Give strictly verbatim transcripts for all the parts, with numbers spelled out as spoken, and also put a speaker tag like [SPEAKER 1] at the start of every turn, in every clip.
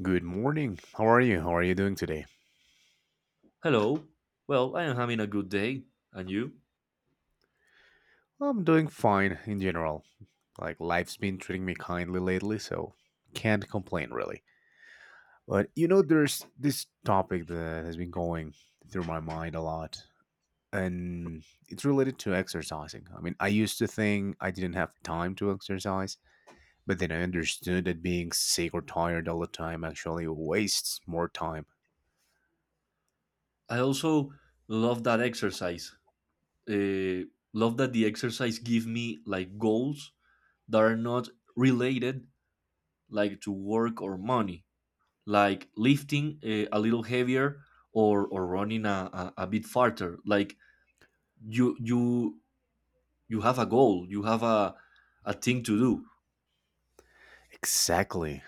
[SPEAKER 1] Good morning. How are you? How are you doing today?
[SPEAKER 2] Hello. Well, I am having a good day. And you?
[SPEAKER 1] I'm doing fine in general. Like, life's been treating me kindly lately, so can't complain really. But you know, there's this topic that has been going through my mind a lot, and it's related to exercising. I mean, I used to think I didn't have time to exercise, but then I understood that being sick or tired all the time actually wastes more time.
[SPEAKER 2] I also love that exercise. Uh, love that the exercise give me like goals that are not related like to work or money, like lifting uh, a little heavier or or running a, a, a bit farther. Like you you you have a goal, you have a a thing to do.
[SPEAKER 1] Exactly.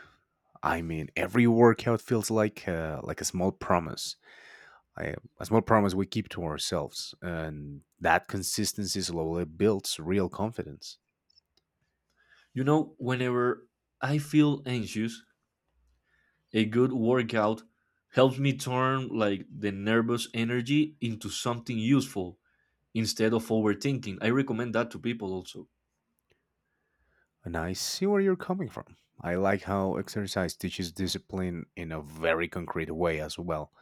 [SPEAKER 1] I mean, every workout feels like uh, like a small promise I, a small promise we keep to ourselves, and that consistency slowly builds real confidence.
[SPEAKER 2] You know, whenever I feel anxious, a good workout helps me turn like the nervous energy into something useful instead of overthinking. I recommend that to people also.
[SPEAKER 1] And I see where you're coming from. I like how exercise teaches discipline in a very concrete way as well.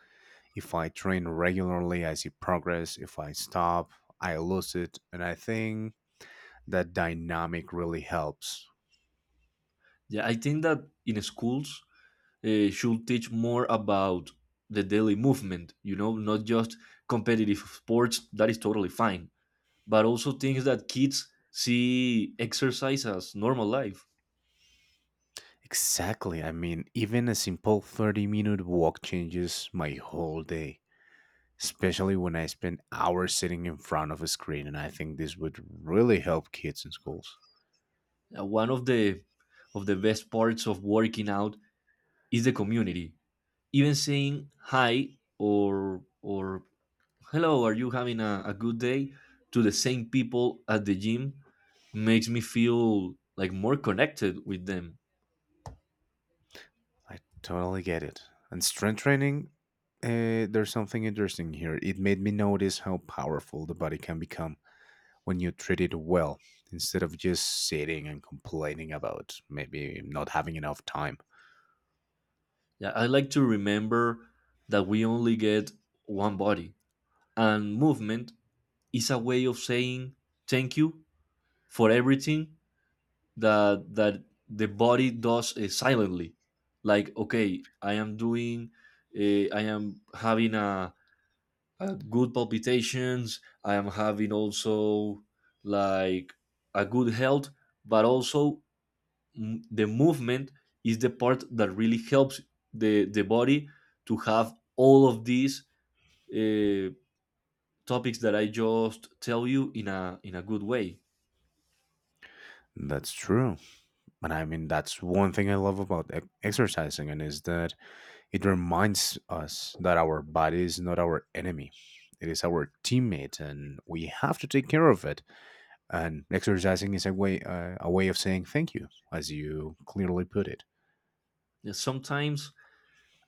[SPEAKER 1] If I train regularly, I see progress. If I stop, I lose it. And I think that dynamic really helps.
[SPEAKER 2] Yeah, I think that in schools uh, should teach more about the daily movement, you know, not just competitive sports, that is totally fine, but also things that kids see exercise as normal life.
[SPEAKER 1] Exactly. I mean, even a simple thirty minute walk changes my whole day, especially when I spend hours sitting in front of a screen. And I think this would really help kids in schools.
[SPEAKER 2] Uh, One of the of the best parts of working out is the community. Even saying hi or or hello, are you having a, a good day to the same people at the gym makes me feel like more connected with them.
[SPEAKER 1] I totally get it. And strength training, uh, there's something interesting here. It made me notice how powerful the body can become when you treat it well instead of just sitting and complaining about maybe not having enough time.
[SPEAKER 2] Yeah, I like to remember that we only get one body, and movement is a way of saying thank you for everything that that the body does uh, silently. Like, okay, i am doing uh, I am having a uh, good palpitations. I am having also like a good health, but also mm, the movement is the part that really helps the the body to have all of these uh, topics that I just tell you in a in a good way.
[SPEAKER 1] That's true. And I mean, that's one thing I love about e- exercising, and is that it reminds us that our body is not our enemy. It is our teammate, and we have to take care of it. And exercising is a way, uh, a way of saying thank you, as you clearly put it.
[SPEAKER 2] Yeah, sometimes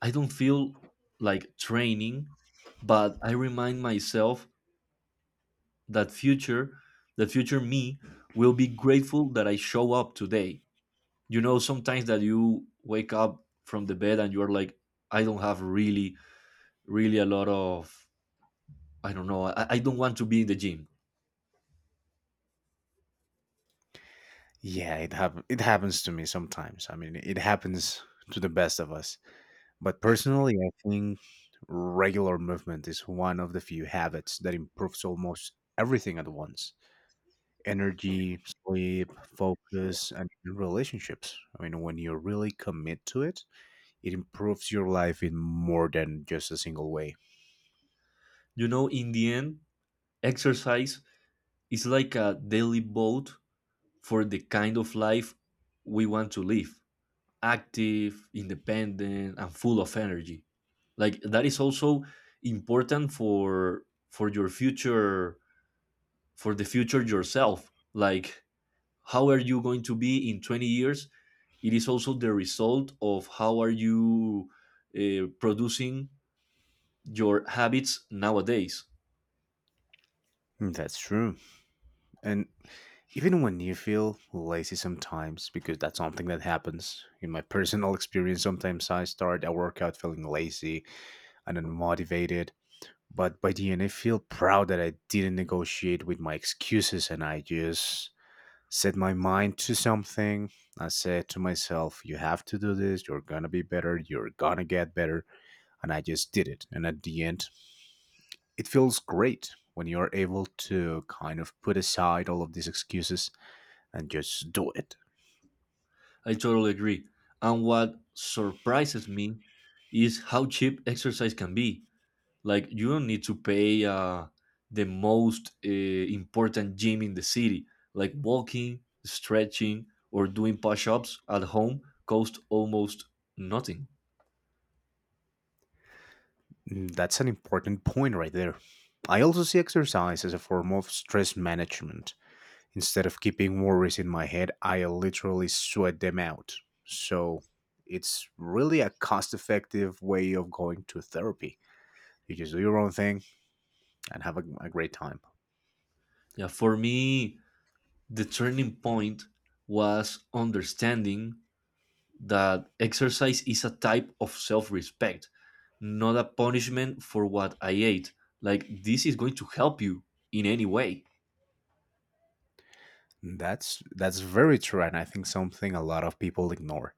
[SPEAKER 2] I don't feel like training, but I remind myself that future that future me will be grateful that I show up today. You know, sometimes that you wake up from the bed and you're like, I don't have really, really a lot of, I don't know, i, I don't want to be in the gym.
[SPEAKER 1] Yeah, it hap- it happens to me sometimes. I mean, it happens to the best of us. But personally, I think regular movement is one of the few habits that improves almost everything at once: energy, sleep, focus, and even relationships. I mean, when you really commit to it, it improves your life in more than just a single way.
[SPEAKER 2] You know, in the end, exercise is like a daily boat for the kind of life we want to live, active, independent, and full of energy. Like, that is also important for for your future, for the future yourself, like how are you going to be in twenty years? It is also the result of how are you uh, producing your habits nowadays.
[SPEAKER 1] Mm, that's true. And even when you feel lazy sometimes, because that's something that happens in my personal experience, sometimes I start a workout feeling lazy and unmotivated. But by the end, I feel proud that I didn't negotiate with my excuses and I just set my mind to something. I said to myself, you have to do this, you're gonna be better, you're gonna get better. And I just did it. And at the end, it feels great when you're able to kind of put aside all of these excuses and just do it.
[SPEAKER 2] I totally agree, and what surprises me is how cheap exercise can be. Like, you don't need to pay uh, the most uh, important gym in the city. Like walking, stretching, or doing push-ups at home cost almost nothing.
[SPEAKER 1] Mm, that's an important point right there. I also see exercise as a form of stress management. Instead of keeping worries in my head, I literally sweat them out. So it's really a cost effective way of going to therapy. You just do your own thing and have a, a great time.
[SPEAKER 2] Yeah, for me, the turning point was understanding that exercise is a type of self respect, not a punishment for what I ate. Like, this is going to help you in any way.
[SPEAKER 1] That's that's very true, and I think something a lot of people ignore.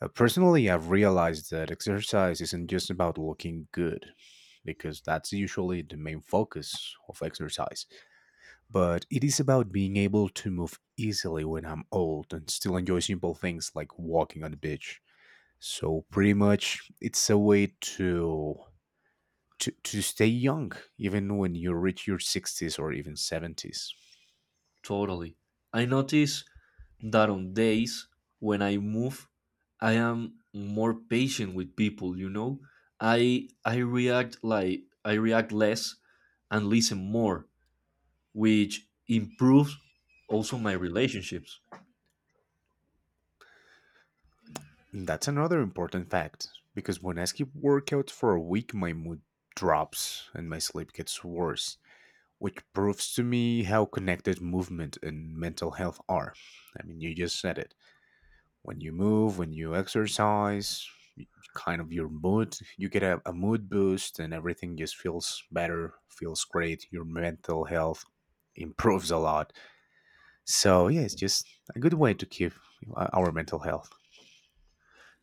[SPEAKER 1] Uh, personally, I've realized that exercise isn't just about looking good, because that's usually the main focus of exercise. But it is about being able to move easily when I'm old and still enjoy simple things like walking on the beach. So pretty much, it's a way to to, to stay young even when you reach your sixties or even seventies.
[SPEAKER 2] Totally. I notice that on days when I move, I am more patient with people, you know? I I react like I react less and listen more, which improves also my relationships.
[SPEAKER 1] That's another important fact because when I skip workouts for a week, my mood drops and my sleep gets worse, which proves to me how connected movement and mental health are. I mean, you just said it. When you move, when you exercise, kind of your mood, you get a, a mood boost and everything just feels better, feels great. Your mental health improves a lot. So, yeah, it's just a good way to keep uh, our mental health.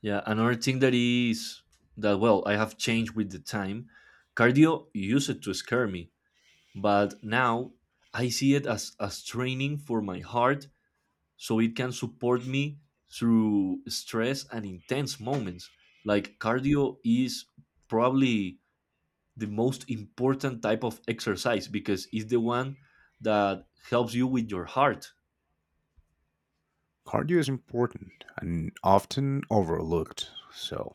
[SPEAKER 2] Yeah, another thing that is that, well, I have changed with the time. Cardio used it to scare me, but now I see it as as training for my heart so it can support me through stress and intense moments. Like, cardio is probably the most important type of exercise because it's the one that helps you with your heart.
[SPEAKER 1] Cardio is important and often overlooked, so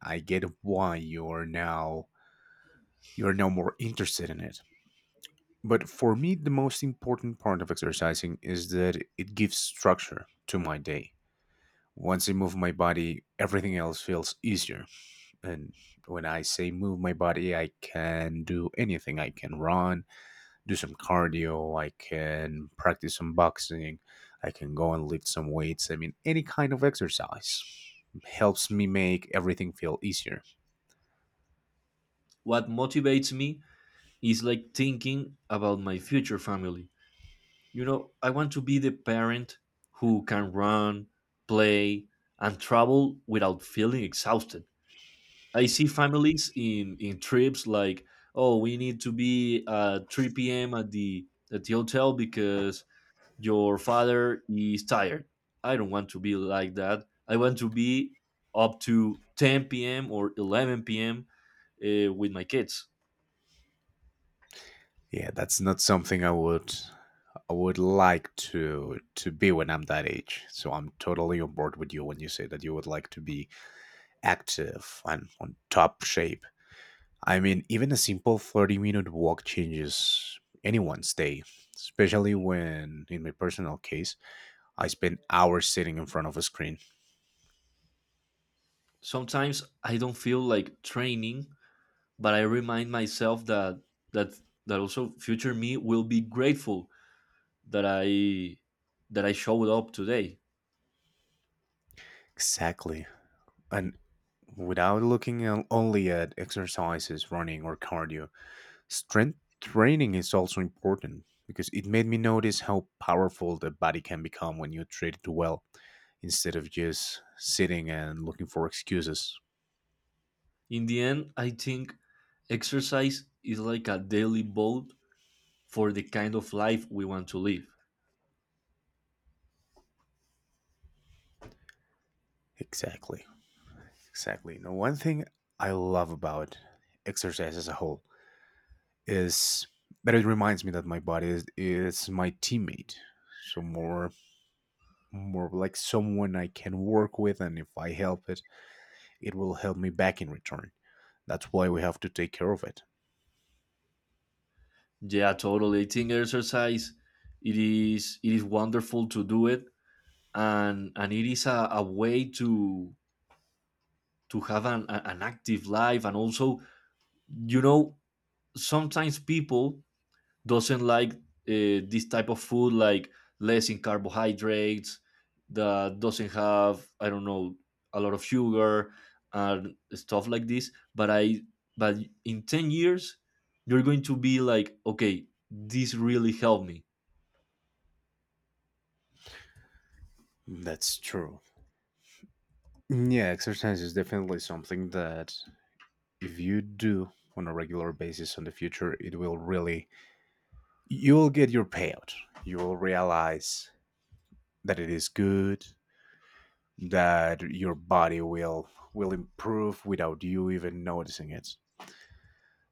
[SPEAKER 1] I get why you're now you're now more interested in it. But for me, the most important part of exercising is that it gives structure to my day. Once I move my body, everything else feels easier. And when I say move my body, I can do anything. I can run, do some cardio. I can practice some boxing. I can go and lift some weights. I mean, any kind of exercise helps me make everything feel easier.
[SPEAKER 2] What motivates me is like thinking about my future family. You know, I want to be the parent who can run, play, and travel without feeling exhausted. I see families in, in trips like, oh, we need to be at three p m at the at the hotel because your father is tired. I don't want to be like that. I want to be up to ten p m or eleven p m. Uh, with my kids.
[SPEAKER 1] Yeah, that's not something I would I would like to to be when I'm that age. So I'm totally on board with you when you say that you would like to be active and on top shape. I mean, even a simple thirty minute walk changes anyone's day, especially when in my personal case, I spend hours sitting in front of a screen.
[SPEAKER 2] Sometimes I don't feel like training, but I remind myself that that that also future me will be grateful that I that I showed up today.
[SPEAKER 1] Exactly. And without looking on- only at exercises, running, or cardio, strength training is also important because it made me notice how powerful the body can become when you treat it well instead of just sitting and looking for excuses.
[SPEAKER 2] In the end, I think exercise is like a daily vote for the kind of life we want to live.
[SPEAKER 1] Exactly. Exactly. Now, one thing I love about exercise as a whole is that it reminds me that my body is, is my teammate. So, more more like someone I can work with, and if I help it, it will help me back in return. That's why we have to take care of it.
[SPEAKER 2] Yeah, totally. I think exercise it is it is wonderful to do it, and and it is a, a way to to have an, a- an active life. And also, you know, sometimes people doesn't like uh, this type of food, like less in carbohydrates, that doesn't have, I don't know, a lot of sugar and stuff like this. But I but in ten years you're going to be like, okay, this really helped me.
[SPEAKER 1] That's true. Yeah, exercise is definitely something that if you do on a regular basis in the future, it will really you will get your payout. You will realize that it is good, that your body will will improve without you even noticing it.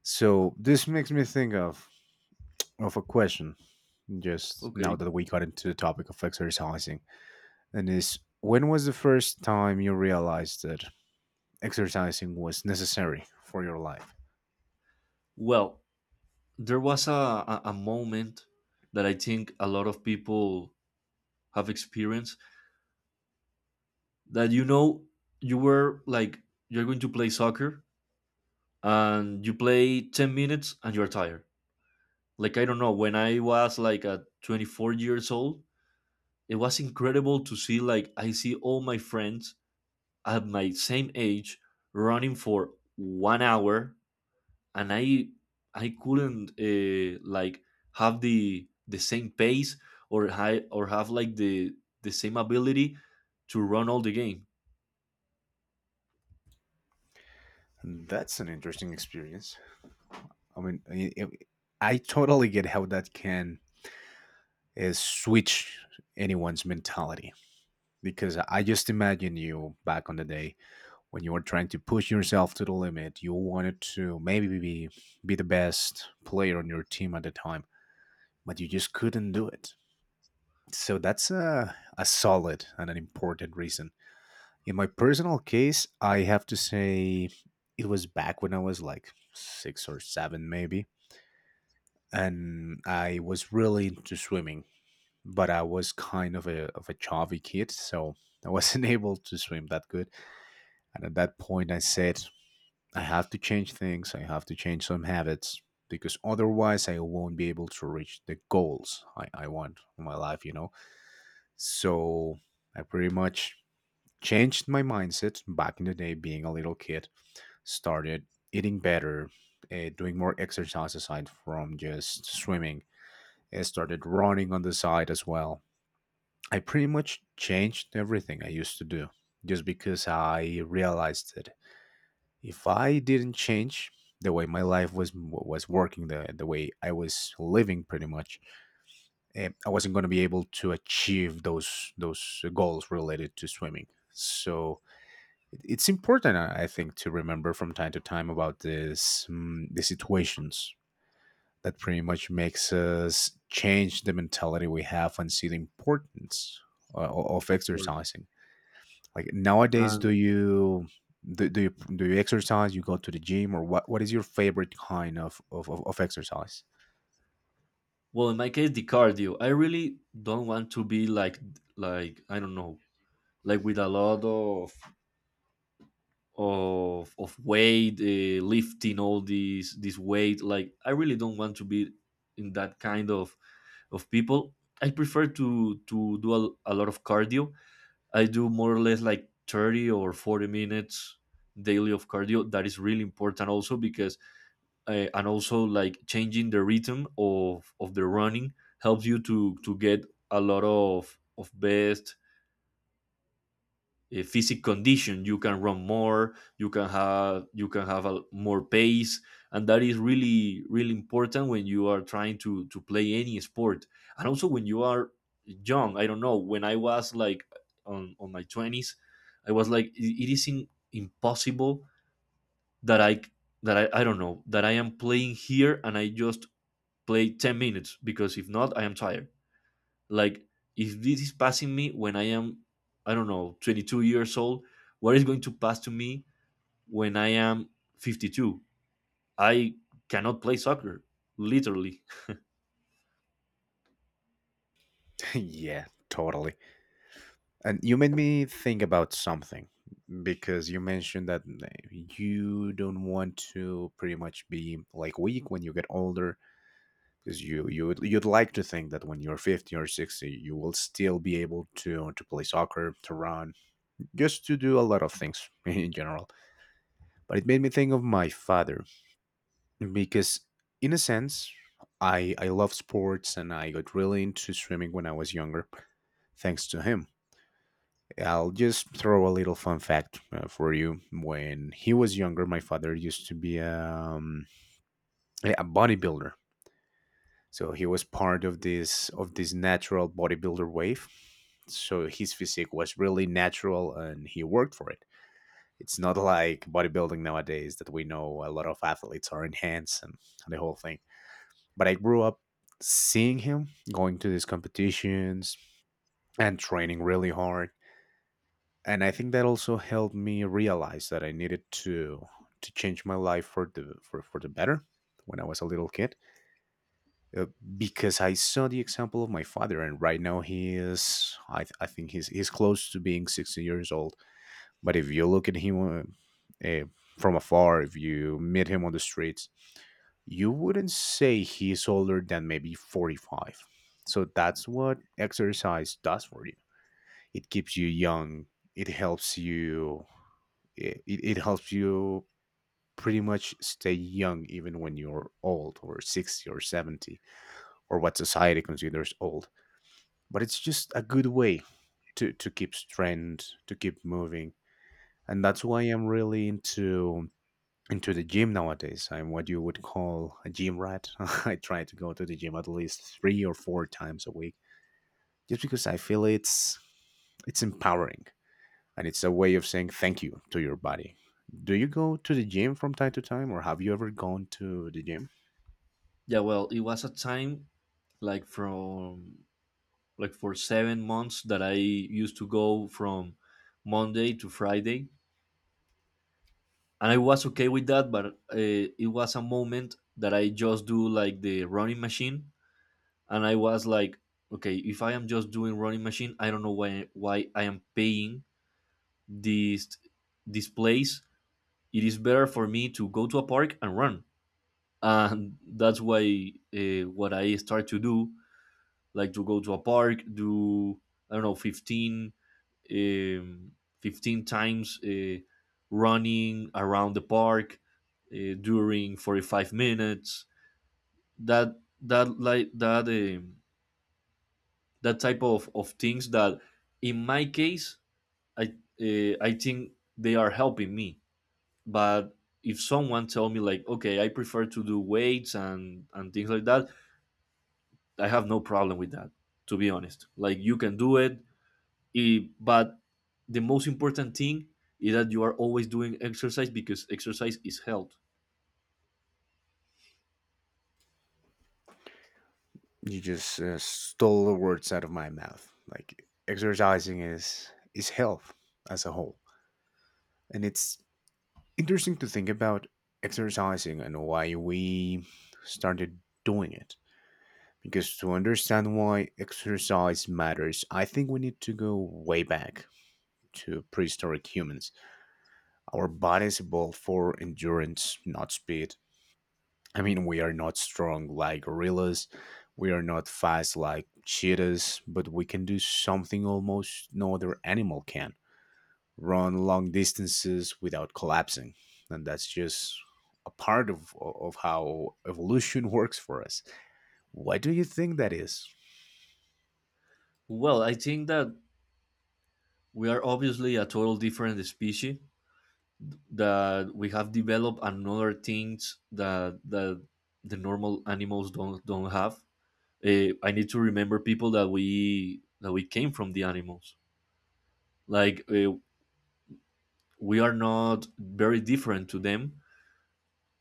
[SPEAKER 1] So this makes me think of of a question just now
[SPEAKER 2] Okay.
[SPEAKER 1] that we got into the topic of exercising, and is, when was the first time you realized that exercising was necessary for your life?
[SPEAKER 2] Well, there was a, a, a moment that I think a lot of people have experienced that, you know, you were like, you're going to play soccer and you play ten minutes and you're tired. Like, I don't know, when I was like at twenty-four years old, it was incredible to see, like, I see all my friends at my same age running for one hour, and i i couldn't uh, like have the the same pace or high or have like the the same ability to run all the game.
[SPEAKER 1] And that's an interesting experience. I mean, i- i- i totally get how that can uh, switch anyone's mentality, because I just imagine you back on the day when you were trying to push yourself to the limit. You wanted to maybe be, be the best player on your team at the time, but you just couldn't do it. So that's a, a solid and an important reason. In my personal case, I have to say it was back when I was like six or seven, maybe. And I was really into swimming, but I was kind of a, of a chubby kid. So I wasn't able to swim that good. And at that point, I said, I have to change things. I have to change some habits, because otherwise I won't be able to reach the goals I, I want in my life, you know? So I pretty much changed my mindset back in the day being a little kid, started eating better, uh, doing more exercise aside from just swimming. I started running on the side as well. I pretty much changed everything I used to do, just because I realized that if I didn't change the way my life was was working, the, the way I was living, pretty much, eh, I wasn't going to be able to achieve those those goals related to swimming. So it- it's important, i I think, to remember from time to time about this mm, the situations that pretty much makes us change the mentality we have and see the importance uh, o- of
[SPEAKER 2] Of course.
[SPEAKER 1] exercising. Like nowadays, do
[SPEAKER 2] And
[SPEAKER 1] you do, do you do you exercise, you go to the gym, or what what is your favorite kind of of, of of exercise?
[SPEAKER 2] well, in my case, the cardio, I really don't want to be like, like I don't know, like with a lot of of of weight, uh, lifting all these this weight. Like, I really don't want to be in that kind of of people. I prefer to to do a, a lot of cardio. I do more or less like thirty or forty minutes daily of cardio. That is really important also because uh, and also, like, changing the rhythm of of the running helps you to to get a lot of of best. A physic condition, you can run more, you can have, you can have a, more pace, and that is really, really important when you are trying to to play any sport. And also when you are young, I don't know, when I was like on on my twenties, I was like, "I- it is in, impossible that I that I, I don't know that I am playing here and I just play ten minutes because if not I am tired. Like, if this is passing me when I am, I don't know, twenty-two years old, what is going to pass to me when I am fifty-two? I cannot play soccer, literally."
[SPEAKER 1] Yeah, totally. And you made me think about something, because you mentioned that uh, you don't want to pretty much be like weak when you get older, because you you would, you'd like to think that when you're fifty or sixty you will still be able to to play soccer, to run, just to do a lot of things in general. But it made me think of my father, because in a sense I I love sports and I got really into swimming when I was younger, thanks to him. I'll just throw a little fun fact uh, for you. When he was younger, my father used to be um, a a bodybuilder, so he was part of this of this natural bodybuilder wave. So his physique was really natural, and he worked for it. It's not like bodybuilding nowadays that we know a lot of athletes are enhanced and the whole thing. But I grew up seeing him going to these competitions and training really hard, and I think that also helped me realize that I needed to to change my life for the for, for the better when I was a little kid uh, because I saw the example of my father. And right now he is, I, th- I think he's he's close to being sixty years old, but if you look at him uh, uh, from afar, if you meet him on the streets, you wouldn't say he's older than maybe forty-five. So that's what exercise does for you. It keeps you young, it helps you, it, it it helps you pretty much stay young even when you're old, or sixty or seventy, or what society considers old. But it's just a good way to to keep strength, to keep moving. And that's why I'm really into into the gym nowadays. I'm what you would call a gym rat. I try to go to the gym at least three or four times a week, just because I feel it's it's empowering, and it's a way of saying thank you to your body. Do you go to the gym from time to time, or have you ever gone to the gym?
[SPEAKER 2] Yeah, well, it was a time, like, from like for seven months that I used to go from Monday to Friday. And I was okay with that, but uh, it was a moment that I just do like the running machine. And I was like, okay, if I am just doing running machine, I don't know why why I am paying this this place. It is better for me to go to a park and run. And that's why, uh, what I start to do, like to go to a park, do, I don't know, fifteen, um, fifteen times uh, running around the park uh, during forty five minutes. That, that, like that. Um, that type of, of things that in my case, i uh, I think they are helping me. But if someone tell me, like, okay, I prefer to do weights and and things like that, I have no problem with that, to be honest. Like, you can do it, eh, but the most important thing is that you are always doing exercise because exercise is health.
[SPEAKER 1] You just uh, stole the words out of my mouth. Like, exercising is is health as a whole, and it's interesting to think about exercising and why we started doing it. Because to understand why exercise matters, I think we need to go way back to prehistoric humans. Our bodies evolved for endurance, not speed. I mean, we are not strong like gorillas. We are not fast like cheetahs, but we can do something almost no other animal can: run long distances without collapsing. And that's just a part of, of how evolution works for us. Why do you think that is?
[SPEAKER 2] Well, I think that we are obviously a total different species, that we have developed another things that that the normal animals don't don't have. Uh, I need to remember people that we that we came from the animals. Like, uh, we are not very different to them,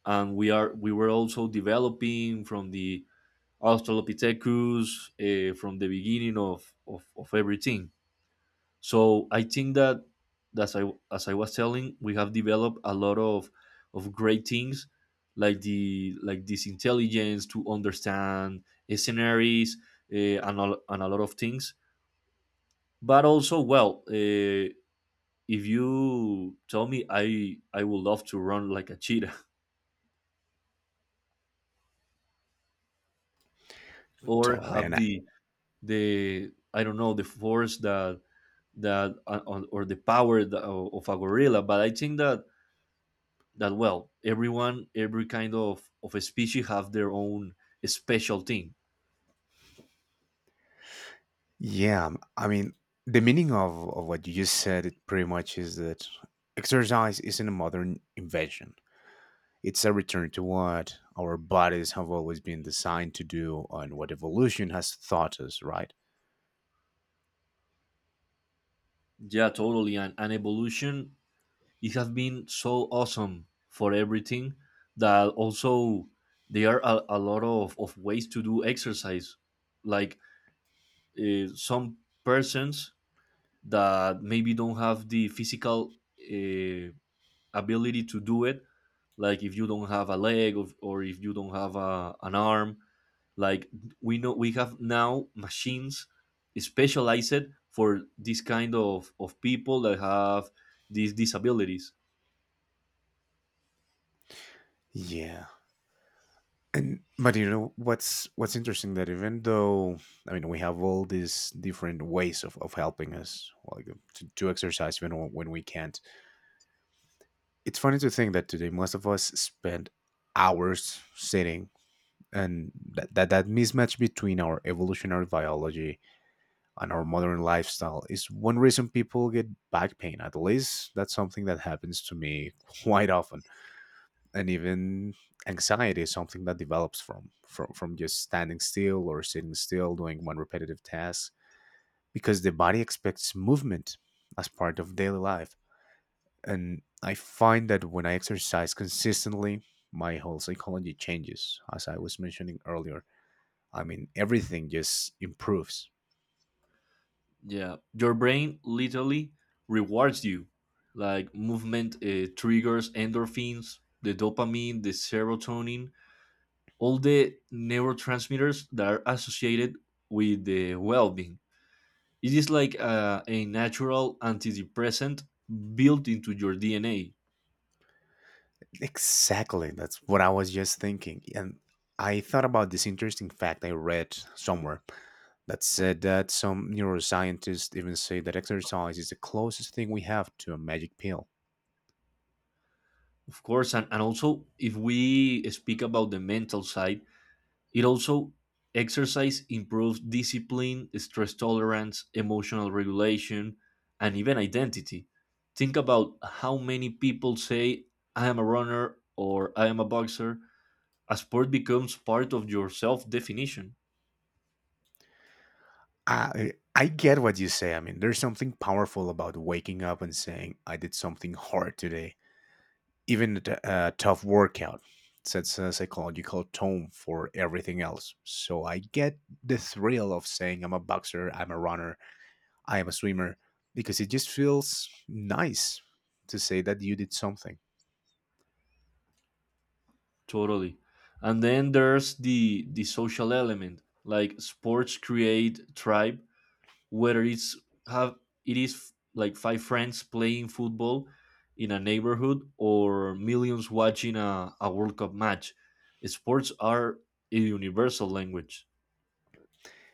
[SPEAKER 2] and we are we were also developing from the Australopithecus, uh, from the beginning of, of of everything. So I think that, as I as I was telling, we have developed a lot of of great things, like the like this intelligence to understand uh, scenarios, uh, and, a, and a lot of things. But also, well, uh, if you tell me, I I would love to run like a cheetah or
[SPEAKER 1] Totally.
[SPEAKER 2] have
[SPEAKER 1] And I-
[SPEAKER 2] the the, I don't know, the force that that uh, or the power that, of a gorilla. But I think that that well, everyone, every kind of of a species have their own special thing.
[SPEAKER 1] yeah, um, I mean, the meaning of, of what you just said, it pretty much is that exercise isn't a modern invention. It's a return to what our bodies have always been designed to do and what evolution has taught us, right?
[SPEAKER 2] Yeah, totally. And, and evolution, it has been so awesome for everything, that also there are a, a lot of, of ways to do exercise. Like, uh, some persons that maybe don't have the physical uh, ability to do it, like if you don't have a leg or or if you don't have a, an arm. Like, we know we have now machines specialized for this kind of, of people that have these disabilities.
[SPEAKER 1] Yeah. And but you know what's what's interesting, that even though, I mean, we have all these different ways of, of helping us, like to, to exercise even when when we can't, it's funny to think that today most of us spend hours sitting, and that, that that mismatch between our evolutionary biology and our modern lifestyle is one reason people get back pain. At least that's something that happens to me quite often. And even anxiety is something that develops from from, from just standing still or sitting still doing one repetitive task, because the body expects movement as part of daily life. And I find that when I exercise consistently, my whole psychology changes, as I was mentioning earlier. I mean, everything just improves.
[SPEAKER 2] Yeah, your brain literally rewards you. Like, movement uh, triggers endorphins, the dopamine, the serotonin, all the neurotransmitters that are associated with the well-being. It is like a, a natural antidepressant built into your D N A.
[SPEAKER 1] Exactly. That's what I was just thinking. And I thought about this interesting fact I read somewhere that said that some neuroscientists even say that exercise is the closest thing we have to a magic pill.
[SPEAKER 2] Of course, and, and also, if we speak about the mental side, it also exercise improves discipline, stress tolerance, emotional regulation, and even identity. Think about how many people say, I am a runner or I am a boxer. A sport becomes part of your self definition.
[SPEAKER 1] I, I get what you say. I mean, there's something powerful about waking up and saying, I did something hard today, even a t- a tough workout. Sets a psychological tone for everything else. So I get the thrill of saying, I'm a boxer, I'm a runner, I am a swimmer, because it just feels nice to say that you did something.
[SPEAKER 2] Totally. And then there's the the social element. Like, sports create tribe, whether it's have it is f- like five friends playing football in a neighborhood or millions watching a, a World Cup match. Sports are a universal language.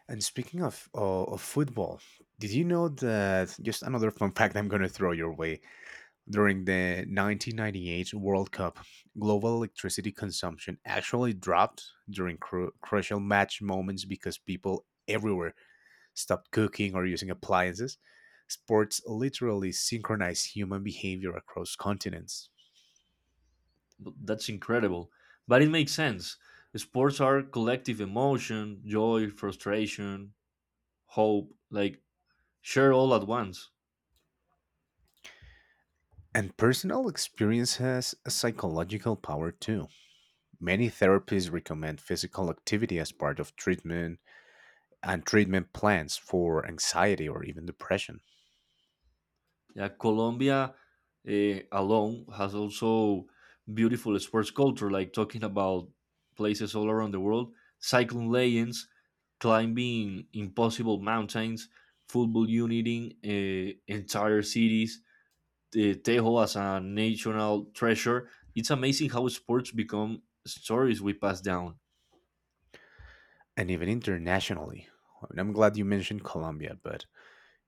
[SPEAKER 1] And speaking of, of, of football, did you know that, just another fun fact I'm going to throw your way? During the nineteen ninety-eight World Cup, global electricity consumption actually dropped during cru- crucial match moments because people everywhere stopped cooking or using appliances. Sports literally synchronize human behavior across continents.
[SPEAKER 2] B- That's incredible. But it makes sense. Sports are collective emotion, joy, frustration, hope, like share all at once.
[SPEAKER 1] And personal experience has a psychological power too. Many therapies recommend physical activity as part of treatment and treatment plans for anxiety or even depression.
[SPEAKER 2] Yeah, Colombia uh, alone has also beautiful sports culture, like talking about places all around the world, cycling legends, climbing impossible mountains, football uniting uh, entire cities, the Tejo as a national treasure. It's amazing how sports become stories we pass down.
[SPEAKER 1] And even internationally. I mean, I'm glad you mentioned Colombia, but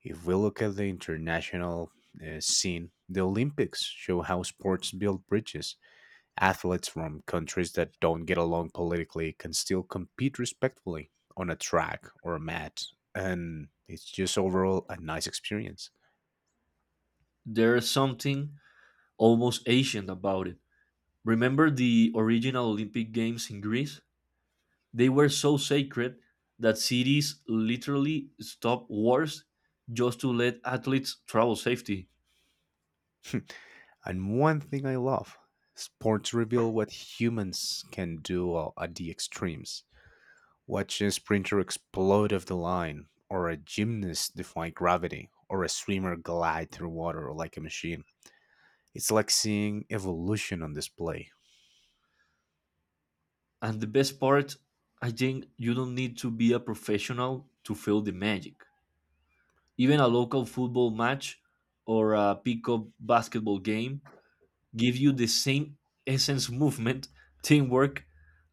[SPEAKER 1] if we look at the international uh, scene, the Olympics show how sports build bridges. Athletes from countries that don't get along politically can still compete respectfully on a track or a mat, and it's just overall a nice experience.
[SPEAKER 2] There's something almost ancient about it. Remember the original Olympic Games in Greece? They were so sacred that cities literally stopped wars just to let athletes travel safely.
[SPEAKER 1] And one thing I love: sports reveal what humans can do uh, at the extremes. Watch a sprinter explode off the line, or a gymnast defy gravity, or a swimmer glide through water like a machine. It's like seeing evolution on display.
[SPEAKER 2] And the best part, I think, you don't need to be a professional to feel the magic. Even a local football match or a pickup basketball game give you the same essence movement, teamwork,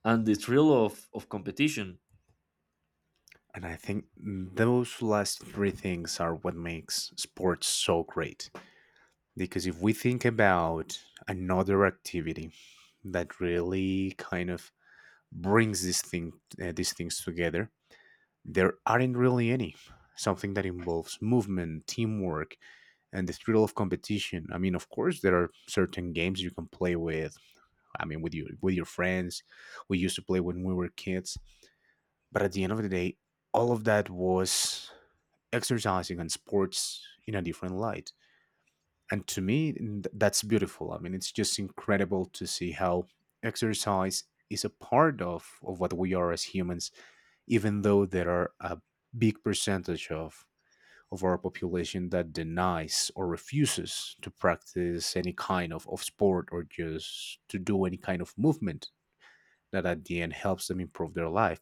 [SPEAKER 2] and the thrill of, of competition.
[SPEAKER 1] And I think those last three things are what makes sports so great. Because if we think about another activity that really kind of brings this thing, uh, these things together, there aren't really any. Something that involves movement, teamwork, and the thrill of competition. I mean, of course, there are certain games you can play with. I mean, with your with your friends. We used to play when we were kids. But at the end of the day, all of that was exercising and sports in a different light. And to me, th- that's beautiful. I mean, it's just incredible to see how exercise is a part of, of what we are as humans, even though there are a big percentage of, of our population that denies or refuses to practice any kind of, of sport or just to do any kind of movement that at the end helps them improve their life.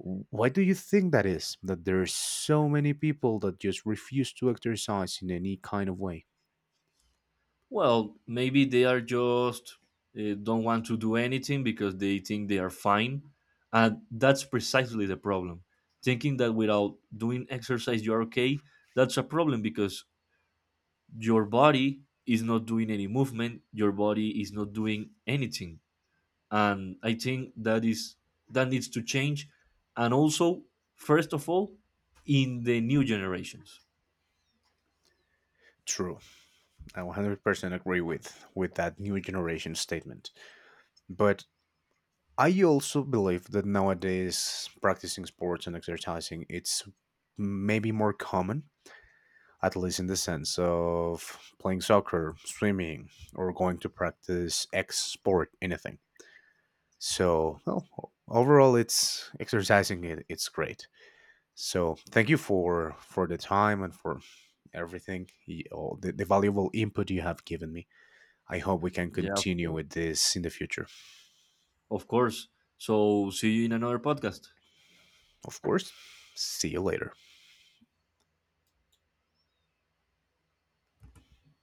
[SPEAKER 1] W- Why do you think that is? That there are so many people that just refuse to exercise in any kind of way.
[SPEAKER 2] Well, maybe they are just uh, don't want to do anything because they think they are fine. And that's precisely the problem. Thinking that without doing exercise you're okay, that's a problem because your body is not doing any movement, your body is not doing anything. And I think that is that needs to change. And also, first of all, in the new generations.
[SPEAKER 1] True, I one hundred percent agree with with that new generation statement. But I also believe that nowadays practicing sports and exercising, it's maybe more common, at least in the sense of playing soccer, swimming, or going to practice X sport, anything. So, well, overall, it's exercising. It, it's great. So thank you for for the time and for everything, y- all the, the valuable input you have given me. I hope we can
[SPEAKER 2] Yeah, of
[SPEAKER 1] continue
[SPEAKER 2] course.
[SPEAKER 1] with this in the future.
[SPEAKER 2] Of course. So see you in another podcast.
[SPEAKER 1] Of course. See you later.